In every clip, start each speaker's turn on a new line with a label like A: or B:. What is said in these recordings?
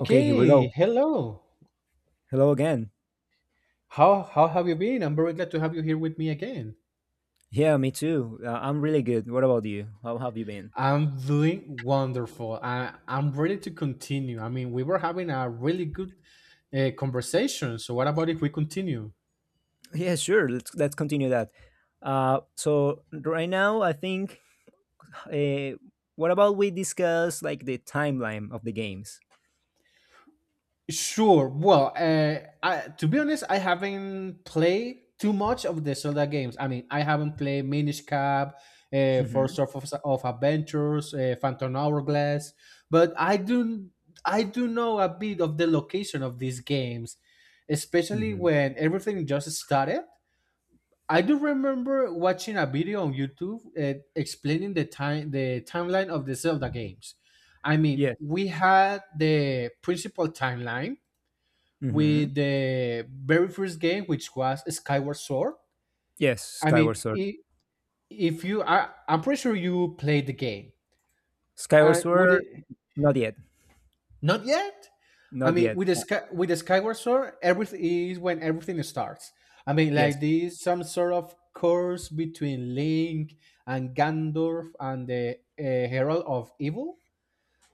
A: Okay, here we go.
B: hello.
A: Hello again.
B: How have you been? I'm very glad to have you here with me again.
A: Yeah, me too. I'm really good. What about you? How have you been?
B: I'm doing wonderful. I'm ready to continue. I mean, we were having a really good conversation. So what about if we continue?
A: Yeah, sure. Let's continue that. So right now, I think. Uh, what about we discuss like the timeline of the games?
B: Sure. Well, I, to be honest, I haven't played too much of the Zelda games. I mean, I haven't played Minish Cap,
A: Mm-hmm.
B: Force of Adventures, Phantom Hourglass, but I do know a bit of the location of these games, especially
A: Mm-hmm.
B: when everything just started. I do remember watching a video on YouTube explaining the timeline of the Zelda games. I mean,
A: Yes.
B: we had the principal timeline
A: Mm-hmm.
B: with the very first game, which was Skyward Sword.
A: Yes.
B: I
A: Skyward
B: mean,
A: Sword.
B: if you, I'm pretty sure you played the game.
A: Skyward
B: With
A: Sword.
B: it,
A: Not yet.
B: not yet. I
A: Not
B: mean,
A: yet.
B: with the Skyward Sword, everything is when everything starts. I mean, like
A: Yes.
B: this, some sort of curse between Link and Gandalf and the Herald of Evil.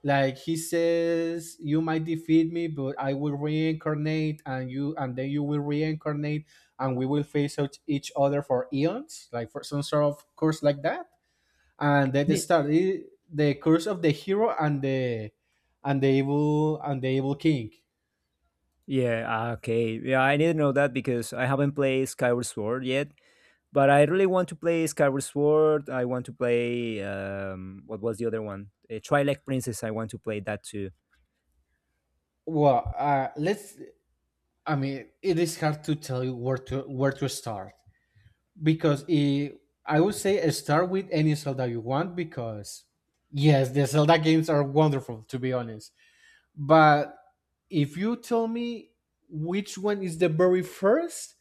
B: Like he says, you might defeat me, but I will reincarnate, and you and then you will reincarnate, and we will face out each other for eons, like for some sort of curse like that. And then they
A: Ye-
B: study the curse of the hero and the evil and the evil king.
A: Yeah. Okay. Yeah, I didn't know that because I haven't played Skyward Sword yet. But I really want to play Skyward Sword. I want to play what was the other one? Twilight Princess. I want to play that too.
B: Well let's I mean, it is hard to tell you where to start because I would say start with any Zelda you want because yes, the Zelda games are wonderful, to be honest. But if you tell me which one is the very first,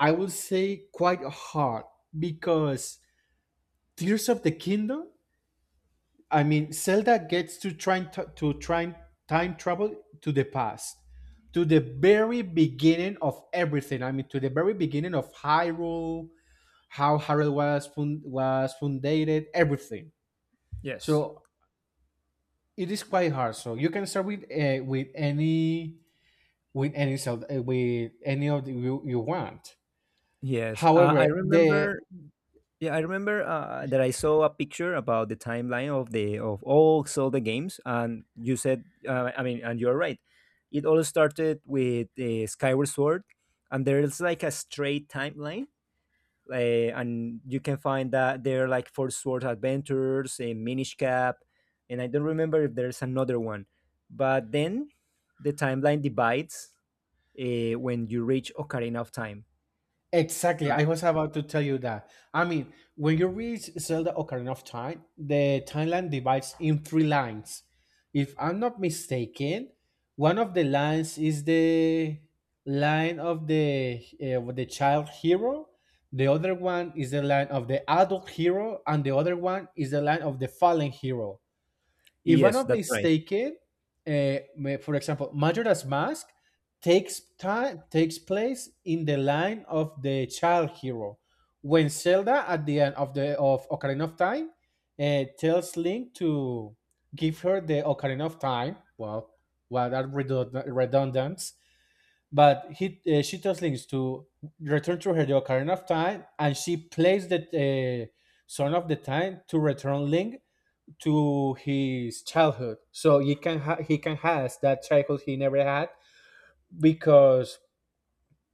B: I would say quite hard because Tears of the Kingdom. I mean, Zelda gets to to try time travel to the past, to the very beginning of everything. I mean, to the very beginning of Hyrule, how Harold was was founded, everything.
A: Yes.
B: So it is quite hard. So you can start with any cell with any of the you, you want.
A: Yes, I
B: However, the
A: remember. Yeah, I remember that I saw a picture about the timeline of the of all Zelda games, and you said, I mean, and you're right. It all started with Skyward Sword, and there's like a straight timeline and you can find that there like Four Sword Adventures, a Minish Cap, and I don't remember if there's another one. But then the timeline divides when you reach Ocarina of Time.
B: exactly.
A: Right.
B: I was about to tell you that. I mean, when you read Zelda Ocarina of Time, the timeline divides in three lines. If I'm not mistaken, one of the lines is the line of the child hero. The other one is the line of the adult hero, and the other one is the line of the fallen hero. If I'm
A: Yes,
B: not
A: that's right.
B: mistaken, uh, for example, Majora's Mask takes place in the line of the child hero when Zelda at the end of Ocarina of Time tells Link to give her the Ocarina of Time. Well, redundant, but he she tells Link to return to her the Ocarina of Time, and she plays the Son of the Time to return Link to his childhood so he can has that childhood he never had because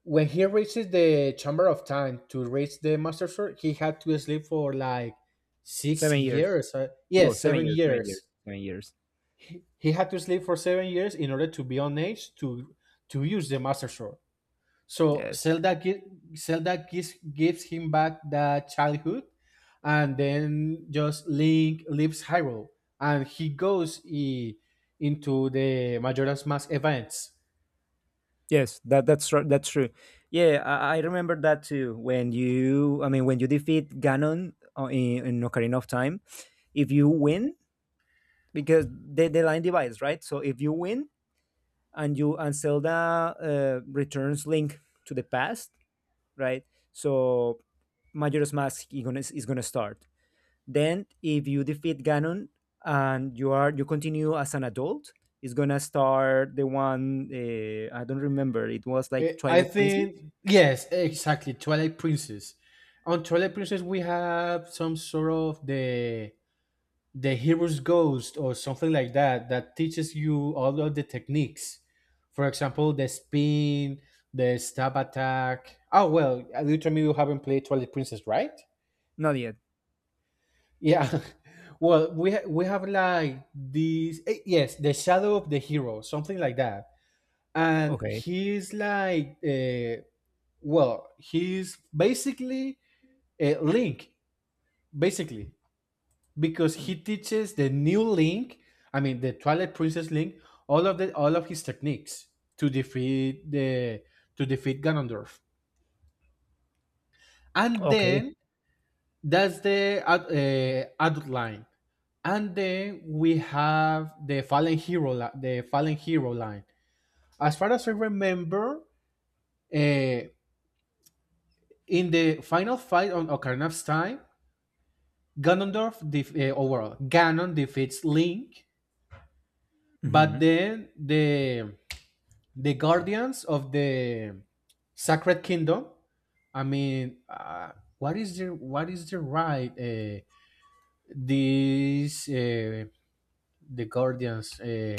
B: when he reaches the chamber of time to reach the master sword, he had to sleep for like six
A: 7 years.
B: years
A: No,
B: yes,
A: seven
B: seven
A: years. Seven
B: years
A: years. 7 years.
B: He had to sleep for 7 years in order to be on age to use the master sword. So
A: Yes.
B: Zelda gives him back the childhood, and then just Link leaves Hyrule, and into the Majora's Mask events.
A: Yes, that that's right. That's true. Yeah, I remember that too. When you, I mean, when you defeat Ganon in Ocarina of Time, if you win, because the line divides, right? So if you win and you and Zelda returns Link to the past, right? So Majora's Mask is gonna start. Then if you defeat Ganon and you continue as an adult, it's gonna start the one I don't remember, it was like
B: Eh, I
A: Twilight Princess.
B: think yes, exactly. Twilight Princess. On Twilight Princess, we have some sort of the hero's ghost or something like that that teaches you all of the techniques, for example the spin, the stab attack. Oh well, you told me you haven't played Twilight Princess, right?
A: Not yet.
B: Yeah. Well, we have like this. Eh, yes, the shadow of the hero, something like that, and
A: Okay.
B: he's like well, he's basically a link, basically, because he teaches the new Link, I mean the Twilight Princess Link, all of the all of his techniques to defeat the to defeat Ganondorf, and
A: Okay.
B: then that's adult line, and then we have the Fallen Hero line. As far as I remember, uh, in the final fight on Ocarina of Time, oh well, Ganon defeats Link,
A: Hmm.
B: but then the guardians of the sacred kingdom, i mean uh, what is the right, these uh, the guardians, uh,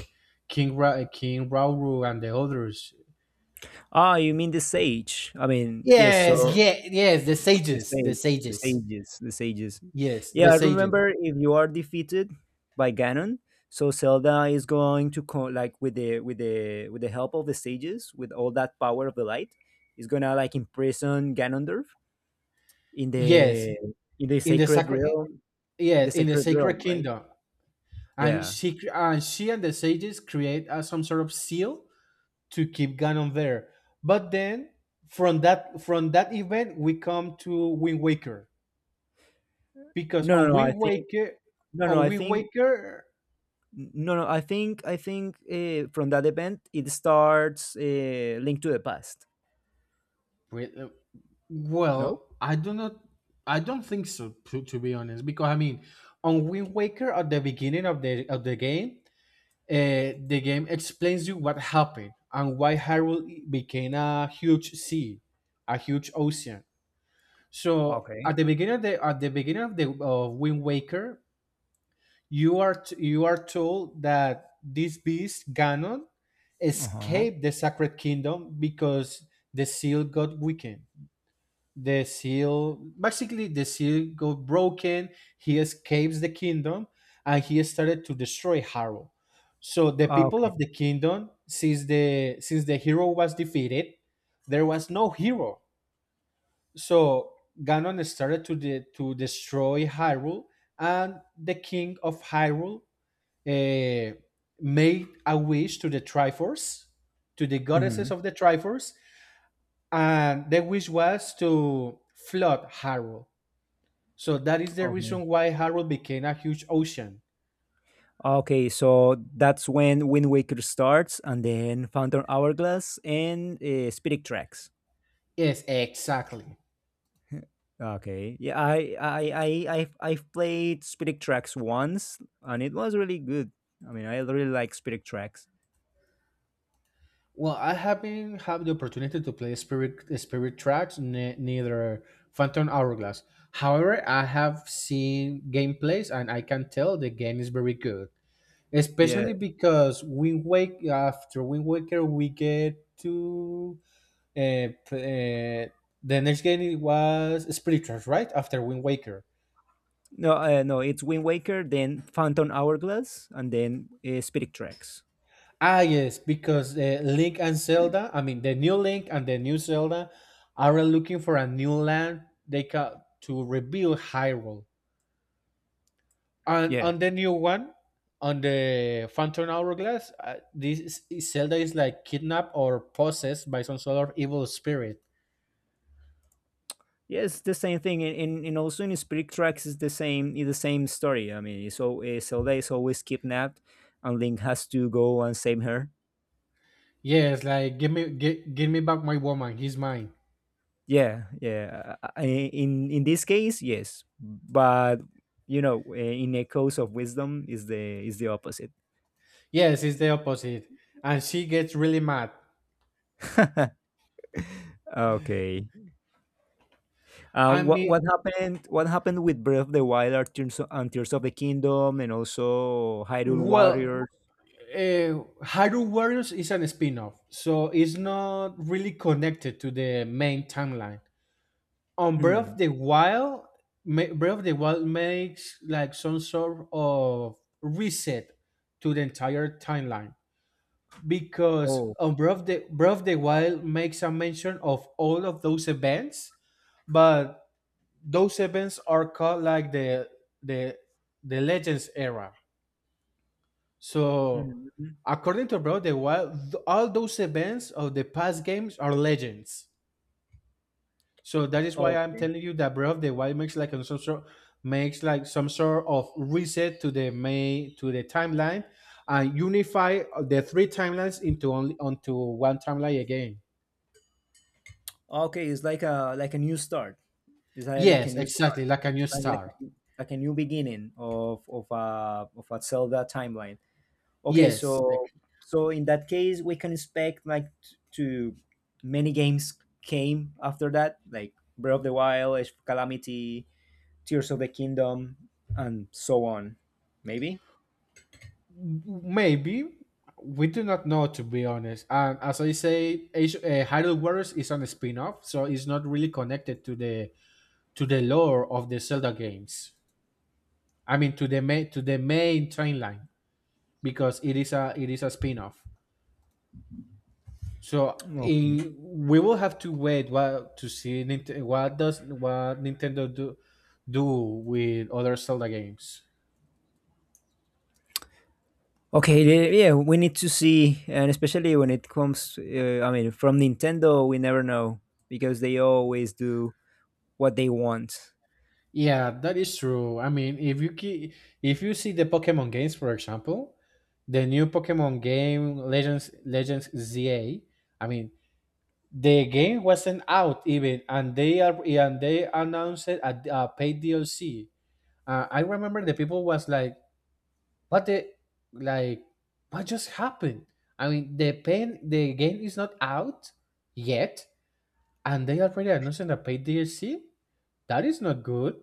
B: king Ra- uh, king Rauru and the others.
A: Ah, you mean the sage? I mean, yes.
B: Yes
A: So
B: yeah, yes, the
A: the
B: sages,
A: sages, the sages.
B: yes,
A: Yeah,
B: the
A: I
B: sages,
A: remember if you are defeated by Ganon, so Zelda is going to like with the help of the sages, with all that power of the light, is gonna like imprison Ganondorf in
B: yes,
A: the
B: in the
A: sacred
B: sacred,
A: realm, in the
B: yes, in the
A: sacred
B: sacred
A: realm, right?
B: kingdom.
A: Yeah.
B: And she and the sages create some sort of seal to keep going on there. But then from that event we come to Wind Waker because
A: No, no, no, I think, no, no,
B: On
A: I
B: Wind
A: think
B: Waker
A: no, no, I think from that event it starts linked to the past.
B: we- uh,
A: No?
B: well, I do not I don't think so, to be honest, because I mean on Wind Waker at the beginning of the game, the game explains you what happened and why Hyrule became a huge sea, a huge ocean. So
A: Okay.
B: at the beginning of the at the beginning of the of Wind Waker, you are told that this beast Ganon
A: Uh-huh.
B: escaped the Sacred Kingdom because the seal got weakened. The seal, basically the seal got broken. He escapes the kingdom and he started to destroy Harrow. So the people
A: Okay.
B: of the kingdom, since the hero was defeated, there was no hero. So Ganon started to de- to destroy Hyrule, and the king of Hyrule uh, made a wish to the Triforce, to the goddesses
A: Mhm.
B: of the Triforce, and the wish was to flood Hyrule. So that is the
A: Okay.
B: reason why Hyrule became a huge ocean.
A: Okay, so that's when Wind Waker starts, and then Phantom Hourglass and Spirit Tracks.
B: Yes, exactly.
A: Okay. Yeah, I've played Spirit Tracks once, and it was really good. I mean, I really like Spirit Tracks.
B: Well, I haven't had the opportunity to play Spirit Tracks, neither Phantom Hourglass. However, I have seen gameplays, and I can tell the game is very good,
A: Yeah.
B: especially because Wind wake after Wind Waker, we get to uh, p- uh, the next game, it was Spirit Tracks, right? After Wind Waker.
A: No, no, it's Wind Waker, then Phantom Hourglass, and then Spirit Tracks.
B: Ah, yes, because Link and Zelda, I mean the new Link and the new Zelda, are looking for a new land to rebuild Hyrule. And
A: Yeah.
B: on the new one, on the Phantom Hourglass, Zelda is like kidnapped or possessed by some sort of evil spirit.
A: Yes, the same thing, and also in Spirit Tracks is the same story. I mean, so Zelda is always kidnapped, and Link has to go and save her.
B: Yes, like give me give me back my woman, he's mine.
A: Yeah, yeah. In this case, yes, but you know, in Echoes of Wisdom is the opposite.
B: Yes, it's the opposite. And she gets really mad.
A: Okay.
B: I
A: What
B: mean,
A: what happened? What happened with Breath of the Wild, and Tears of the Kingdom, and also Hyrule
B: well,
A: Warriors?
B: Hyrule Warriors is an spin-off, so it's not really connected to the main timeline. On Breath
A: Mm.
B: of the Wild, Breath of the Wild makes like some sort of reset to the entire timeline because
A: Oh.
B: on Breath of the Wild makes a mention of all of those events, but those events are called like the the legends era. So
A: Mhm.
B: according to Bro the Wild, all those events of the past games are legends. So that is why I'm
A: Okay.
B: telling you that Breath of the Wild makes like some sort of reset to the main to the timeline and unify the three timelines into only onto one timeline again.
A: Okay, it's like a new start. It's like a
B: Yes,
A: new start,
B: exactly, like a new
A: like,
B: start.
A: like like a new beginning of of a Zelda timeline. Okay,
B: Yes,
A: so in that case, we can expect like to many games came after that, like Breath of the Wild, Age of Calamity, Tears of the Kingdom, and so on. Maybe.
B: maybe we do not know, to be honest. And as I say, Hyrule Warriors is on a spin-off, so it's not really connected to the lore of the Zelda games. I mean, to the main train line because it is a spin-off. So
A: Okay.
B: in, we will have to wait what to see what Nintendo do with other Zelda games.
A: Okay, yeah, we need to see, and especially when it comes, I mean, from Nintendo, we never know because they always do what they want.
B: Yeah, that is true. I mean, if you see the Pokemon games, for example, the new Pokemon game Legends ZA, I mean, the game wasn't out even, and they are and they announced it at paid DLC. I remember the people was like, "What the like? What just happened?" I mean, the game is not out yet, and they already announced a paid DLC. That is not good.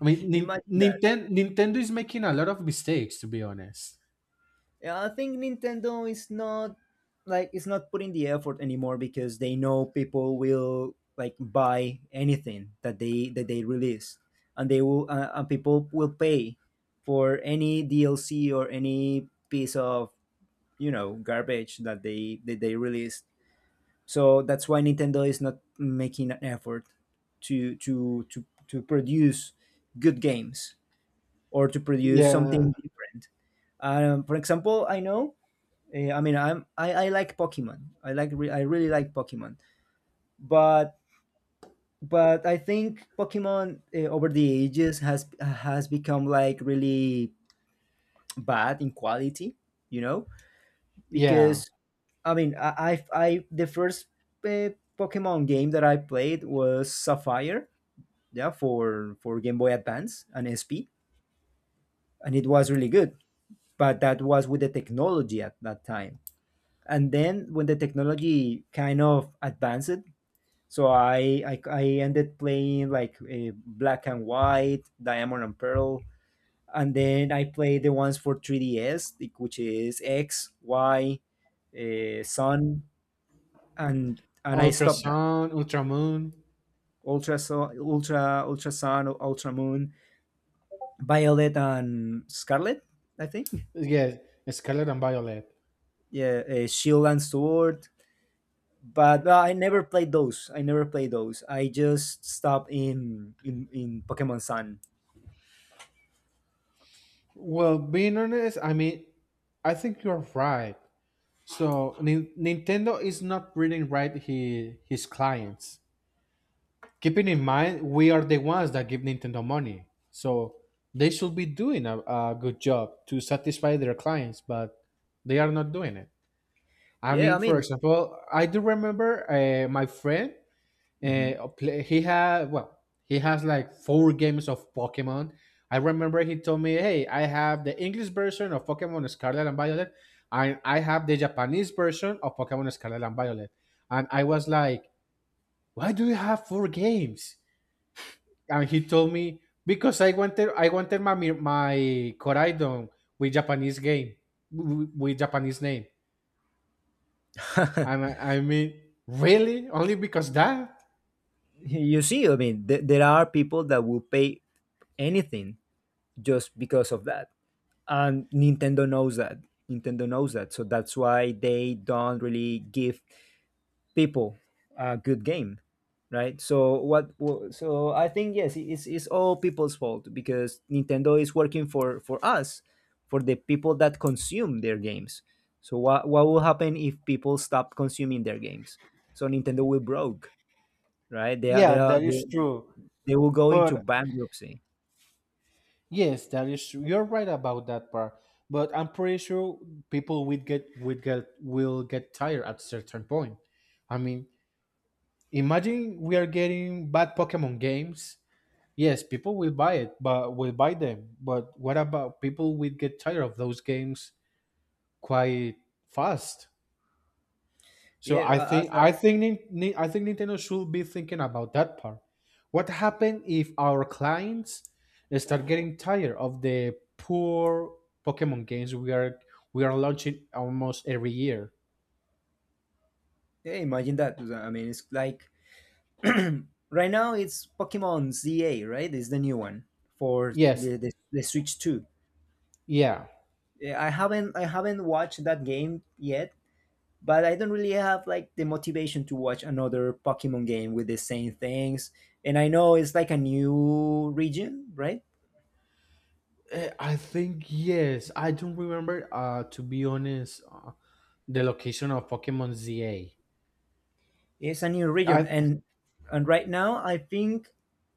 B: I mean,
A: Imagine that.
B: Nintendo is making a lot of mistakes, to be honest.
A: Yeah, I think Nintendo is not like it's not putting the effort anymore because they know people will like buy anything that they release, and they will and people will pay for any DLC or any piece of garbage that they released. So that's why Nintendo is not making an effort to produce good games, or to produce
B: Yeah,
A: something different. For example, I know, I mean, I like Pokemon. I really like Pokemon, but but I think Pokemon over the ages has become like really bad in quality, you know,
B: yeah.
A: because I mean, I the first Pokemon game that I played was Sapphire, yeah, for Game Boy Advance and SP, and it was really good. But that was with the technology at that time. And then when the technology kind of advanced, so I ended playing like black and white, diamond and pearl, and then I played the ones for 3DS, like, which is X, Y, Sun, and I
B: Ultra
A: stopped that.
B: Sun, ultra
A: Ultra sun, ultra moon, violet and scarlet, I think.
B: yes, Scarlet and Violet.
A: Yeah, shield and sword, but I never played those. I never played those. I just stopped in in Pokemon Sun.
B: Well, being honest, I mean, I think you're right. So Nintendo is not reading right his clients. Keeping in mind, we are the ones that give Nintendo money, so they should be doing a good job to satisfy their clients, but they are not doing it. I
A: Yeah, I
B: mean, for
A: mean,
B: example, I do remember my friend.
A: mhm.
B: He had, well, he has like four games of Pokemon. I remember he told me, "Hey, I have the English version of Pokemon Scarlet and Violet, and I have the Japanese version of Pokemon Scarlet and Violet." And I was like, "Why do you have four games?" And he told me, "Because I wanted my Koraidon with Japanese game, with Japanese name." And I I mean, really? Only because that?
A: You see, I mean, there are people that will pay anything just because of that, and Nintendo knows that. Nintendo knows that, so that's why they don't really give people a good game, right? So what, I think, yes, it's all people's fault because Nintendo is working for us, for the people that consume their games. So what will happen if people stop consuming their games? So Nintendo will broke, right?
B: Yeah, that is true.
A: They will go into
B: But
A: bankruptcy.
B: yes, that is true. You're right about that part. But I'm pretty sure people would get will get tired at a certain point. I mean, Imagine we are getting bad Pokemon games. Yes, people will buy it, but will buy them. But what about people will get tired of those games quite fast? So
A: Yeah,
B: I think I think Nin- Nin- I think Nintendo should be thinking about that part. What happen if our clients start getting tired of the poor Pokemon games we are launching almost every year?
A: yeah, imagine that. I mean, it's like right now it's Pokemon ZA, right? It's the new one for
B: Yes,
A: the Switch 2.
B: yeah.
A: Yeah, I haven't watched that game yet, but I don't really have like the motivation to watch another Pokemon game with the same things. And I know it's like a new region, right?
B: Eh, I think yes. I don't remember, to be honest, the location of Pokemon ZA.
A: It's a new region,
B: I
A: and right now I think,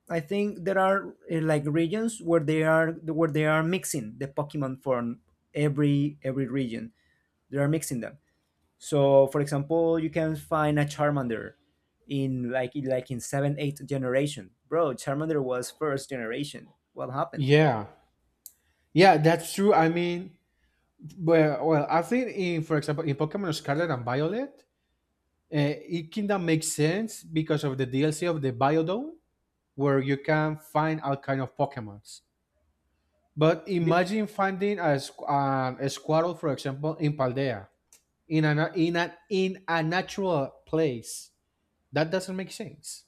A: there are like regions where they are mixing the Pokemon from every region. They are mixing them. So, for example, you can find a Charmander in like like in seven, eight generation. Bro, Charmander was first generation. What happened with that?
B: yeah. Yeah, that's true. I mean, I think in for example in Pokemon Scarlet and Violet, it kinda makes sense because of the DLC of the Biodome, where you can find all kind of Pokemons. But imagine finding a Squirtle, for example, in Paldea, in a na- in a natural place. That doesn't make sense.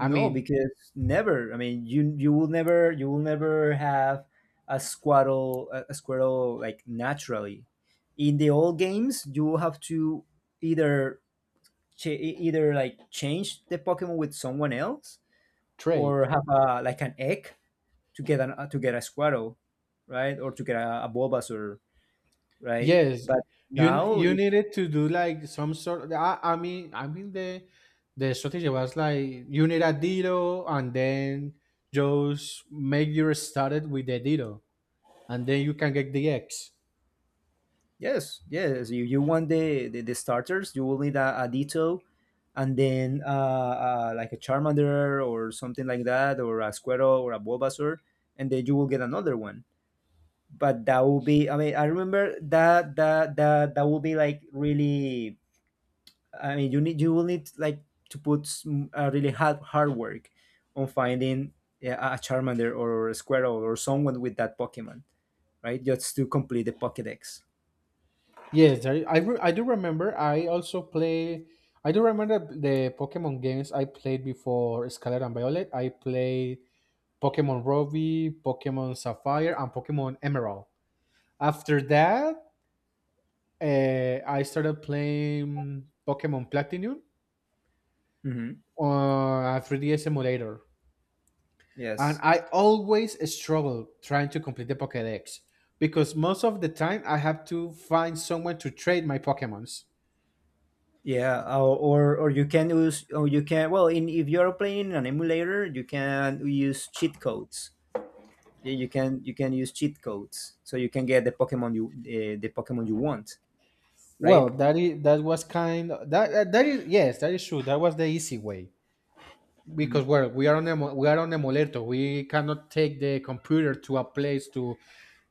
B: I mean,
A: because never. I mean, you will never have a Squirtle, a squirrel like naturally. In the old games, you will have to either either like change the Pokemon with someone else
B: trade.
A: or have a like an egg to get an to get a Squirtle, right, or to get a Bulbasaur, right?
B: Yes,
A: But
B: you
A: now,
B: you needed to do like some sort. I mean the strategy was like you need a Ditto and then just make your started with the Ditto, and then you can get the X.
A: yes, yes, you want the starters, you will need a Ditto, and then like a Charmander or something like that, or a Squirtle or a Bulbasaur, and then you will get another one. But that will be, I mean, I remember that will be like really, I mean, you will need like to put some, really hard work on finding, yeah, a Charmander or a Squirtle or someone with that Pokemon, right? Just to complete the Pokedex.
B: Yes, I do remember. I also play. I do remember the Pokemon games I played before Scarlet and Violet. I played Pokemon Ruby, Pokemon Sapphire, and Pokemon Emerald. After that, I started playing Pokemon Platinum
A: Hmm.
B: on a 3DS emulator, and
A: Yes.
B: I always struggle trying to complete the Pokédex because most of the time I have to find someone to trade my Pokemons.
A: Yeah. Or you can use, or you can well, in if you are playing in an emulator, you can use cheat codes. Yeah, you can use cheat codes so you can get the Pokemon you want,
B: Well,
A: right?
B: that is that was kind of, that, that that is yes, that is true. That was the easy way because we are on emulator. We cannot take the computer to a place to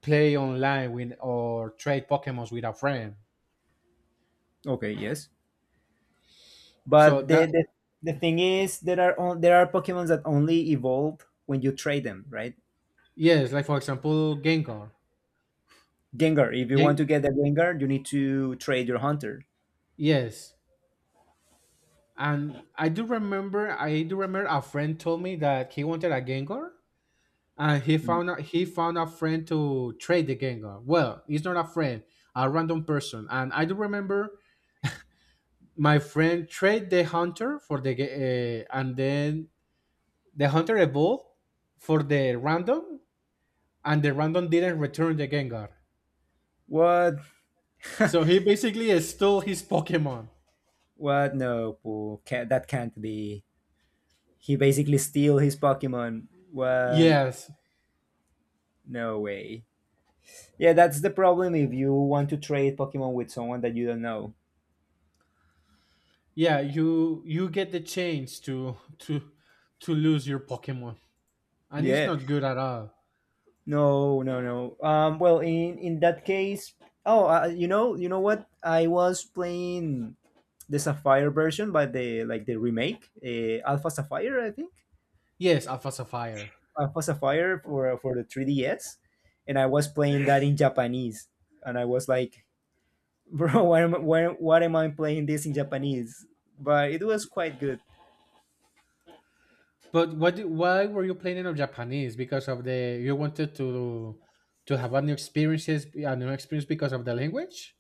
B: play online with or trade Pokemons with a friend.
A: Okay. Yes.
B: So
A: But
B: that
A: the thing is, there are Pokemons that only evolve when you trade them, right?
B: yes, like for example, Gengar.
A: Gengar. If you want to
B: Gen,
A: get the Gengar, you need to trade your hunter.
B: yes, and I do remember a friend told me that he wanted a Gengar, and
A: Mm.
B: he found a friend to trade the Gengar. Well, he's not a friend, a random person, and I do remember my friend trade the hunter for and then the hunter evolved for the random, and the random didn't return the Gengar,
A: What?
B: so he basically stole his Pokemon.
A: What? No, Pooh. Can't, that can't be. He basically steal his Pokemon. What?
B: Yes.
A: No way. Yeah, that's the problem if you want to trade Pokemon with someone that you don't know.
B: Yeah, you get the chance to lose your Pokemon, and it's
A: Yeah.
B: not good at all.
A: No, no, no. Well, in that case, oh, you know what? I was playing the Sapphire version, but the like the remake, Alpha Sapphire, I think,
B: Yes, Alpha Sapphire.
A: Alpha Sapphire for the 3DS, and I was playing that in Japanese, and I was like, bro, why am I, why am I playing this in Japanese? But it was quite good.
B: But why were you planning on Japanese? Because of the you wanted to have a new experience because of the language.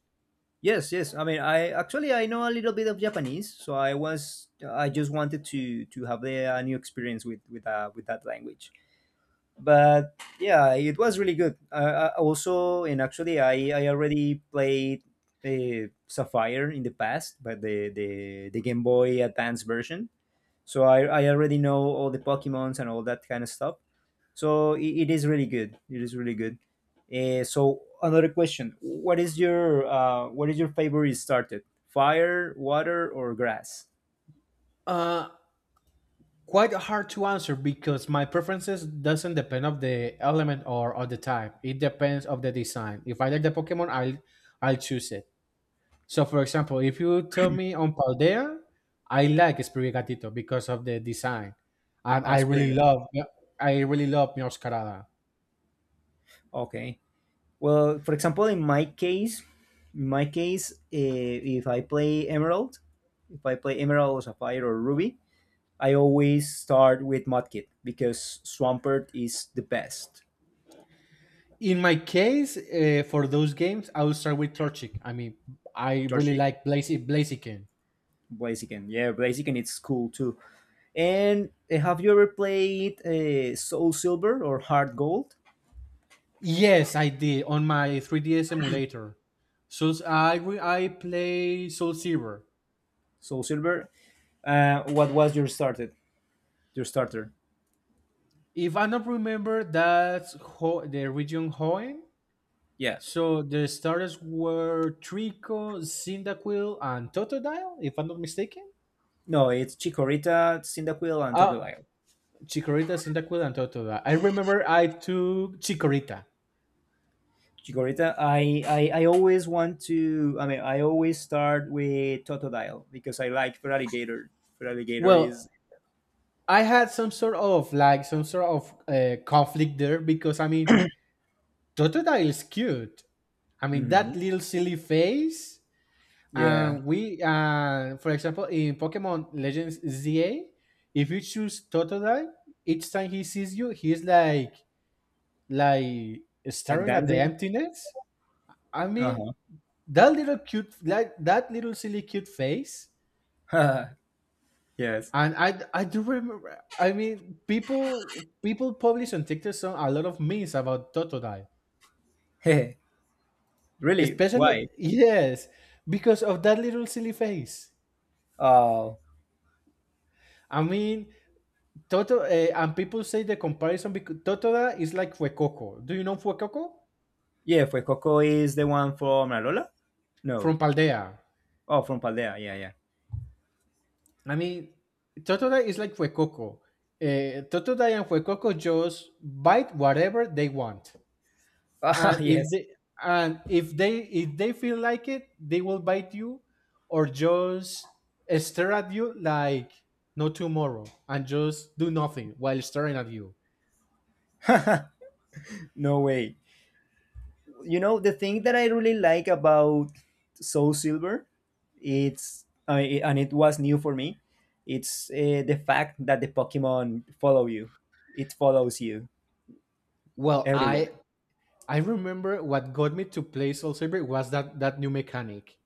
A: Yes, yes. I mean, I actually I know a little bit of Japanese, so I just wanted to have a new experience with that language. But yeah, it was really good. Also, and actually, I already played Sapphire in the past, but the Game Boy Advance version, so I already know all the Pokemons and all that kind of stuff. So it is really good. It is really good. So another question: what is your favorite started? Fire, water, or grass?
B: Uh, quite hard to answer because my preferences doesn't depend of the element or of the type. It depends of the design. If I like the Pokemon, I'll choose it. So, for example, if you tell me on Paldea, I like Sprigatito because of the design, and
A: Spring.
B: I really love Meowscarada.
A: Okay. Well, for example, in my case, if I play Emerald, if I play Emerald or Sapphire or Ruby, I always start with Mudkip because Swampert is the best.
B: In my case, for those games, I will start with Torchic. I mean, I really
A: Torchic.
B: like Blaziken.
A: Blaziken. Yeah, Blaziken. It's cool too. And have you ever played Soul Silver or Heart Gold?
B: Yes, I did on my 3DS emulator. So I play Soul Silver.
A: Soul Silver. What was your started? Your starter?
B: If I don't remember, that's the region Hoenn.
A: Yeah.
B: So the starters were Trico, Cyndaquil, and Totodile, if I'm not mistaken.
A: No, it's Chikorita, Cyndaquil, and
B: Uh,
A: Totodile.
B: Chikorita, Cyndaquil, and Totodile. I remember I took Chikorita.
A: Chikorita. I always want to. I mean, I always start with Totodile because I like Feraligatr. Feraligatr
B: Well,
A: is.
B: I had some sort of conflict there because I mean Totodile is cute. I mean, that
A: Mhm.
B: little silly face.
A: Yeah.
B: And we, for example, in Pokemon Legends ZA, if you choose Totodile, each time he sees you, he's like
A: Like
B: staring at the
A: dancing.
B: emptiness. I mean,
A: Uh
B: that little cute, like that little silly cute face.
A: huh. Yes.
B: And I do remember. I mean, people publish on TikTok some a lot of memes about Totodile.
A: Really?
B: Especially,
A: Why?
B: yes, because of that little silly face.
A: Oh.
B: I mean, and people say the comparison because Totoda is like Fuecoco. Do you know Fuecoco?
A: Yeah, Coco is the one from Malola? No.
B: From Paldea.
A: Oh, from Paldea. Yeah, yeah.
B: I mean, Totoda is like Fuecoco. Totoda and Fuecoco just bite whatever they want.
A: Ah,
B: And if
A: yes.
B: they, if they feel like it, they will bite you or just stare at you like no tomorrow and just do nothing while staring at you.
A: No way. You know, the thing that I really like about Soul Silver, it's, I and it was new for me, it's the fact that the Pokemon follow you. It follows you
B: Well,
A: everywhere.
B: I remember what got me to play Soul Saber was that new mechanic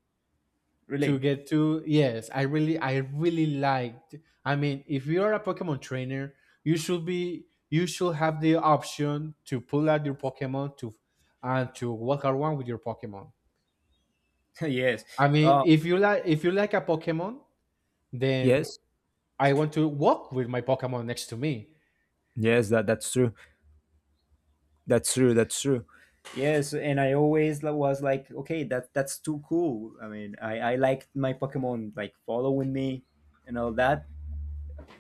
B: to
A: Really?
B: get to yes, I really liked. I mean, if you are a Pokemon trainer, you should have the option to pull out your Pokemon to and to walk around with your Pokemon.
A: Yes.
B: I mean,
A: Uh,
B: if you like a Pokemon, then
A: Yes,
B: I want to walk with my Pokemon next to me.
A: yes, that that's true. That's true. That's true. Yes, and I always was like, okay, that's too cool. I mean, I liked my Pokemon like following me and all that.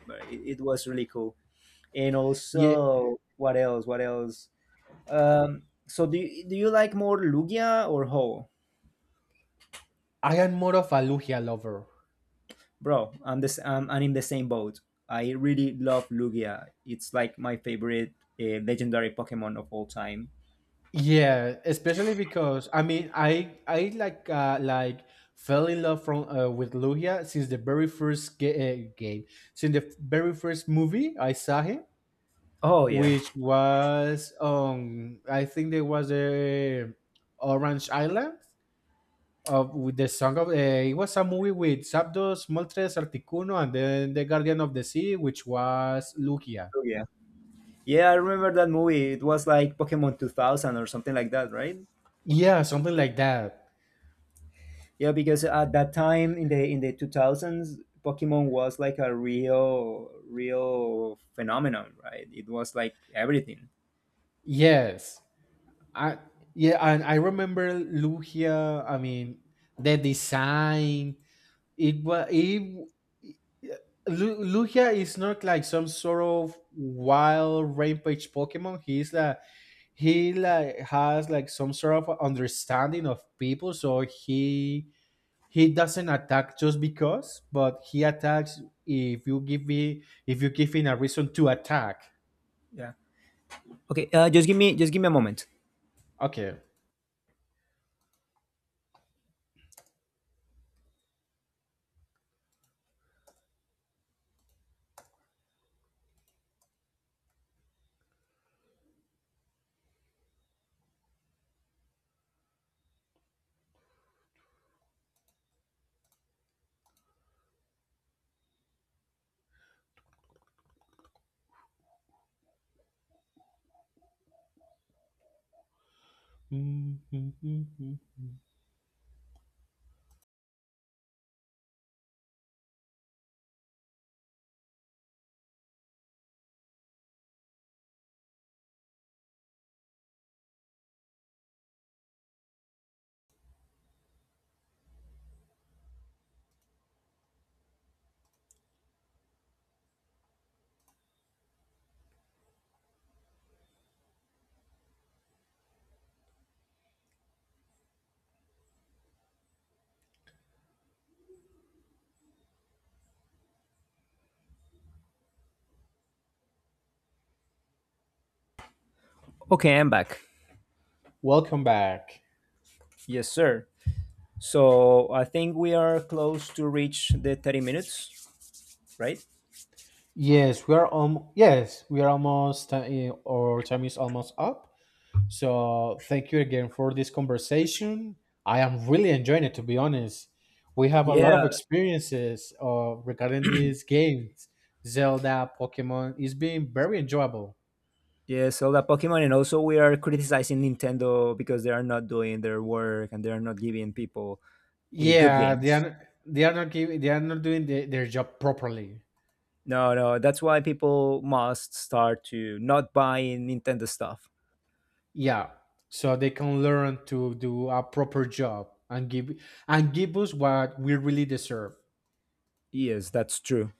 A: But it was really cool. And
B: Yeah,
A: also, what else? What else? So do you, like more Lugia or Ho?
B: I am more of a Lugia lover.
A: Bro, I'm in the same boat. I really love Lugia. It's like my favorite legendary Pokemon of all time.
B: Yeah, especially because I like fell in love from with Lugia since the very first game, since the very first movie I saw him,
A: Oh yeah,
B: which was I think there was a Orange Island of with the song of it was a movie with Zapdos, Moltres, Articuno, and then the Guardian of the Sea, which was Lugia.
A: Lugia. Yeah, I remember that movie. It was like Pokemon 2000 or something like that, right?
B: Yeah, something like that.
A: Yeah, because at that time in the 2000s, Pokemon was like a real phenomenon, right? It was like everything.
B: Yes. I yeah, and I remember Lugia. I mean, the design. It was it. Lugia is not like some sort of wild rampage Pokemon. He's like he like has like some sort of understanding of people, so he doesn't attack just because, but he attacks if you give me if you give him a reason to attack.
A: Yeah. Okay, just give me a moment.
B: Okay.
A: Okay, I'm back.
B: Welcome back.
A: Yes, sir. So, I think we are close to reach the 30 minutes, right?
B: Yes, we are almost our time is almost up. So thank you again for this conversation. I am really enjoying it, to be honest. We have a lot
A: Yeah,
B: of experiences regarding these games, Zelda, Pokemon. It's been very enjoyable.
A: yeah, so that Pokemon, and also we are criticizing Nintendo because they are not doing their work and they are not giving people good
B: Yeah,
A: games.
B: they are not giving they are not doing their job properly.
A: No, no, that's why people must start to not buy Nintendo stuff.
B: Yeah, so they can learn to do a proper job and give us what we really deserve.
A: Yes, that's true.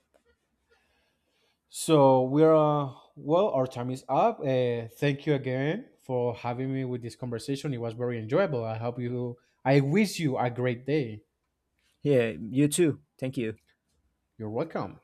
B: So we're our time is up. Thank you again for having me with this conversation. It was very enjoyable. I hope you. I wish you a great day.
A: Yeah, you too. Thank you.
B: You're welcome.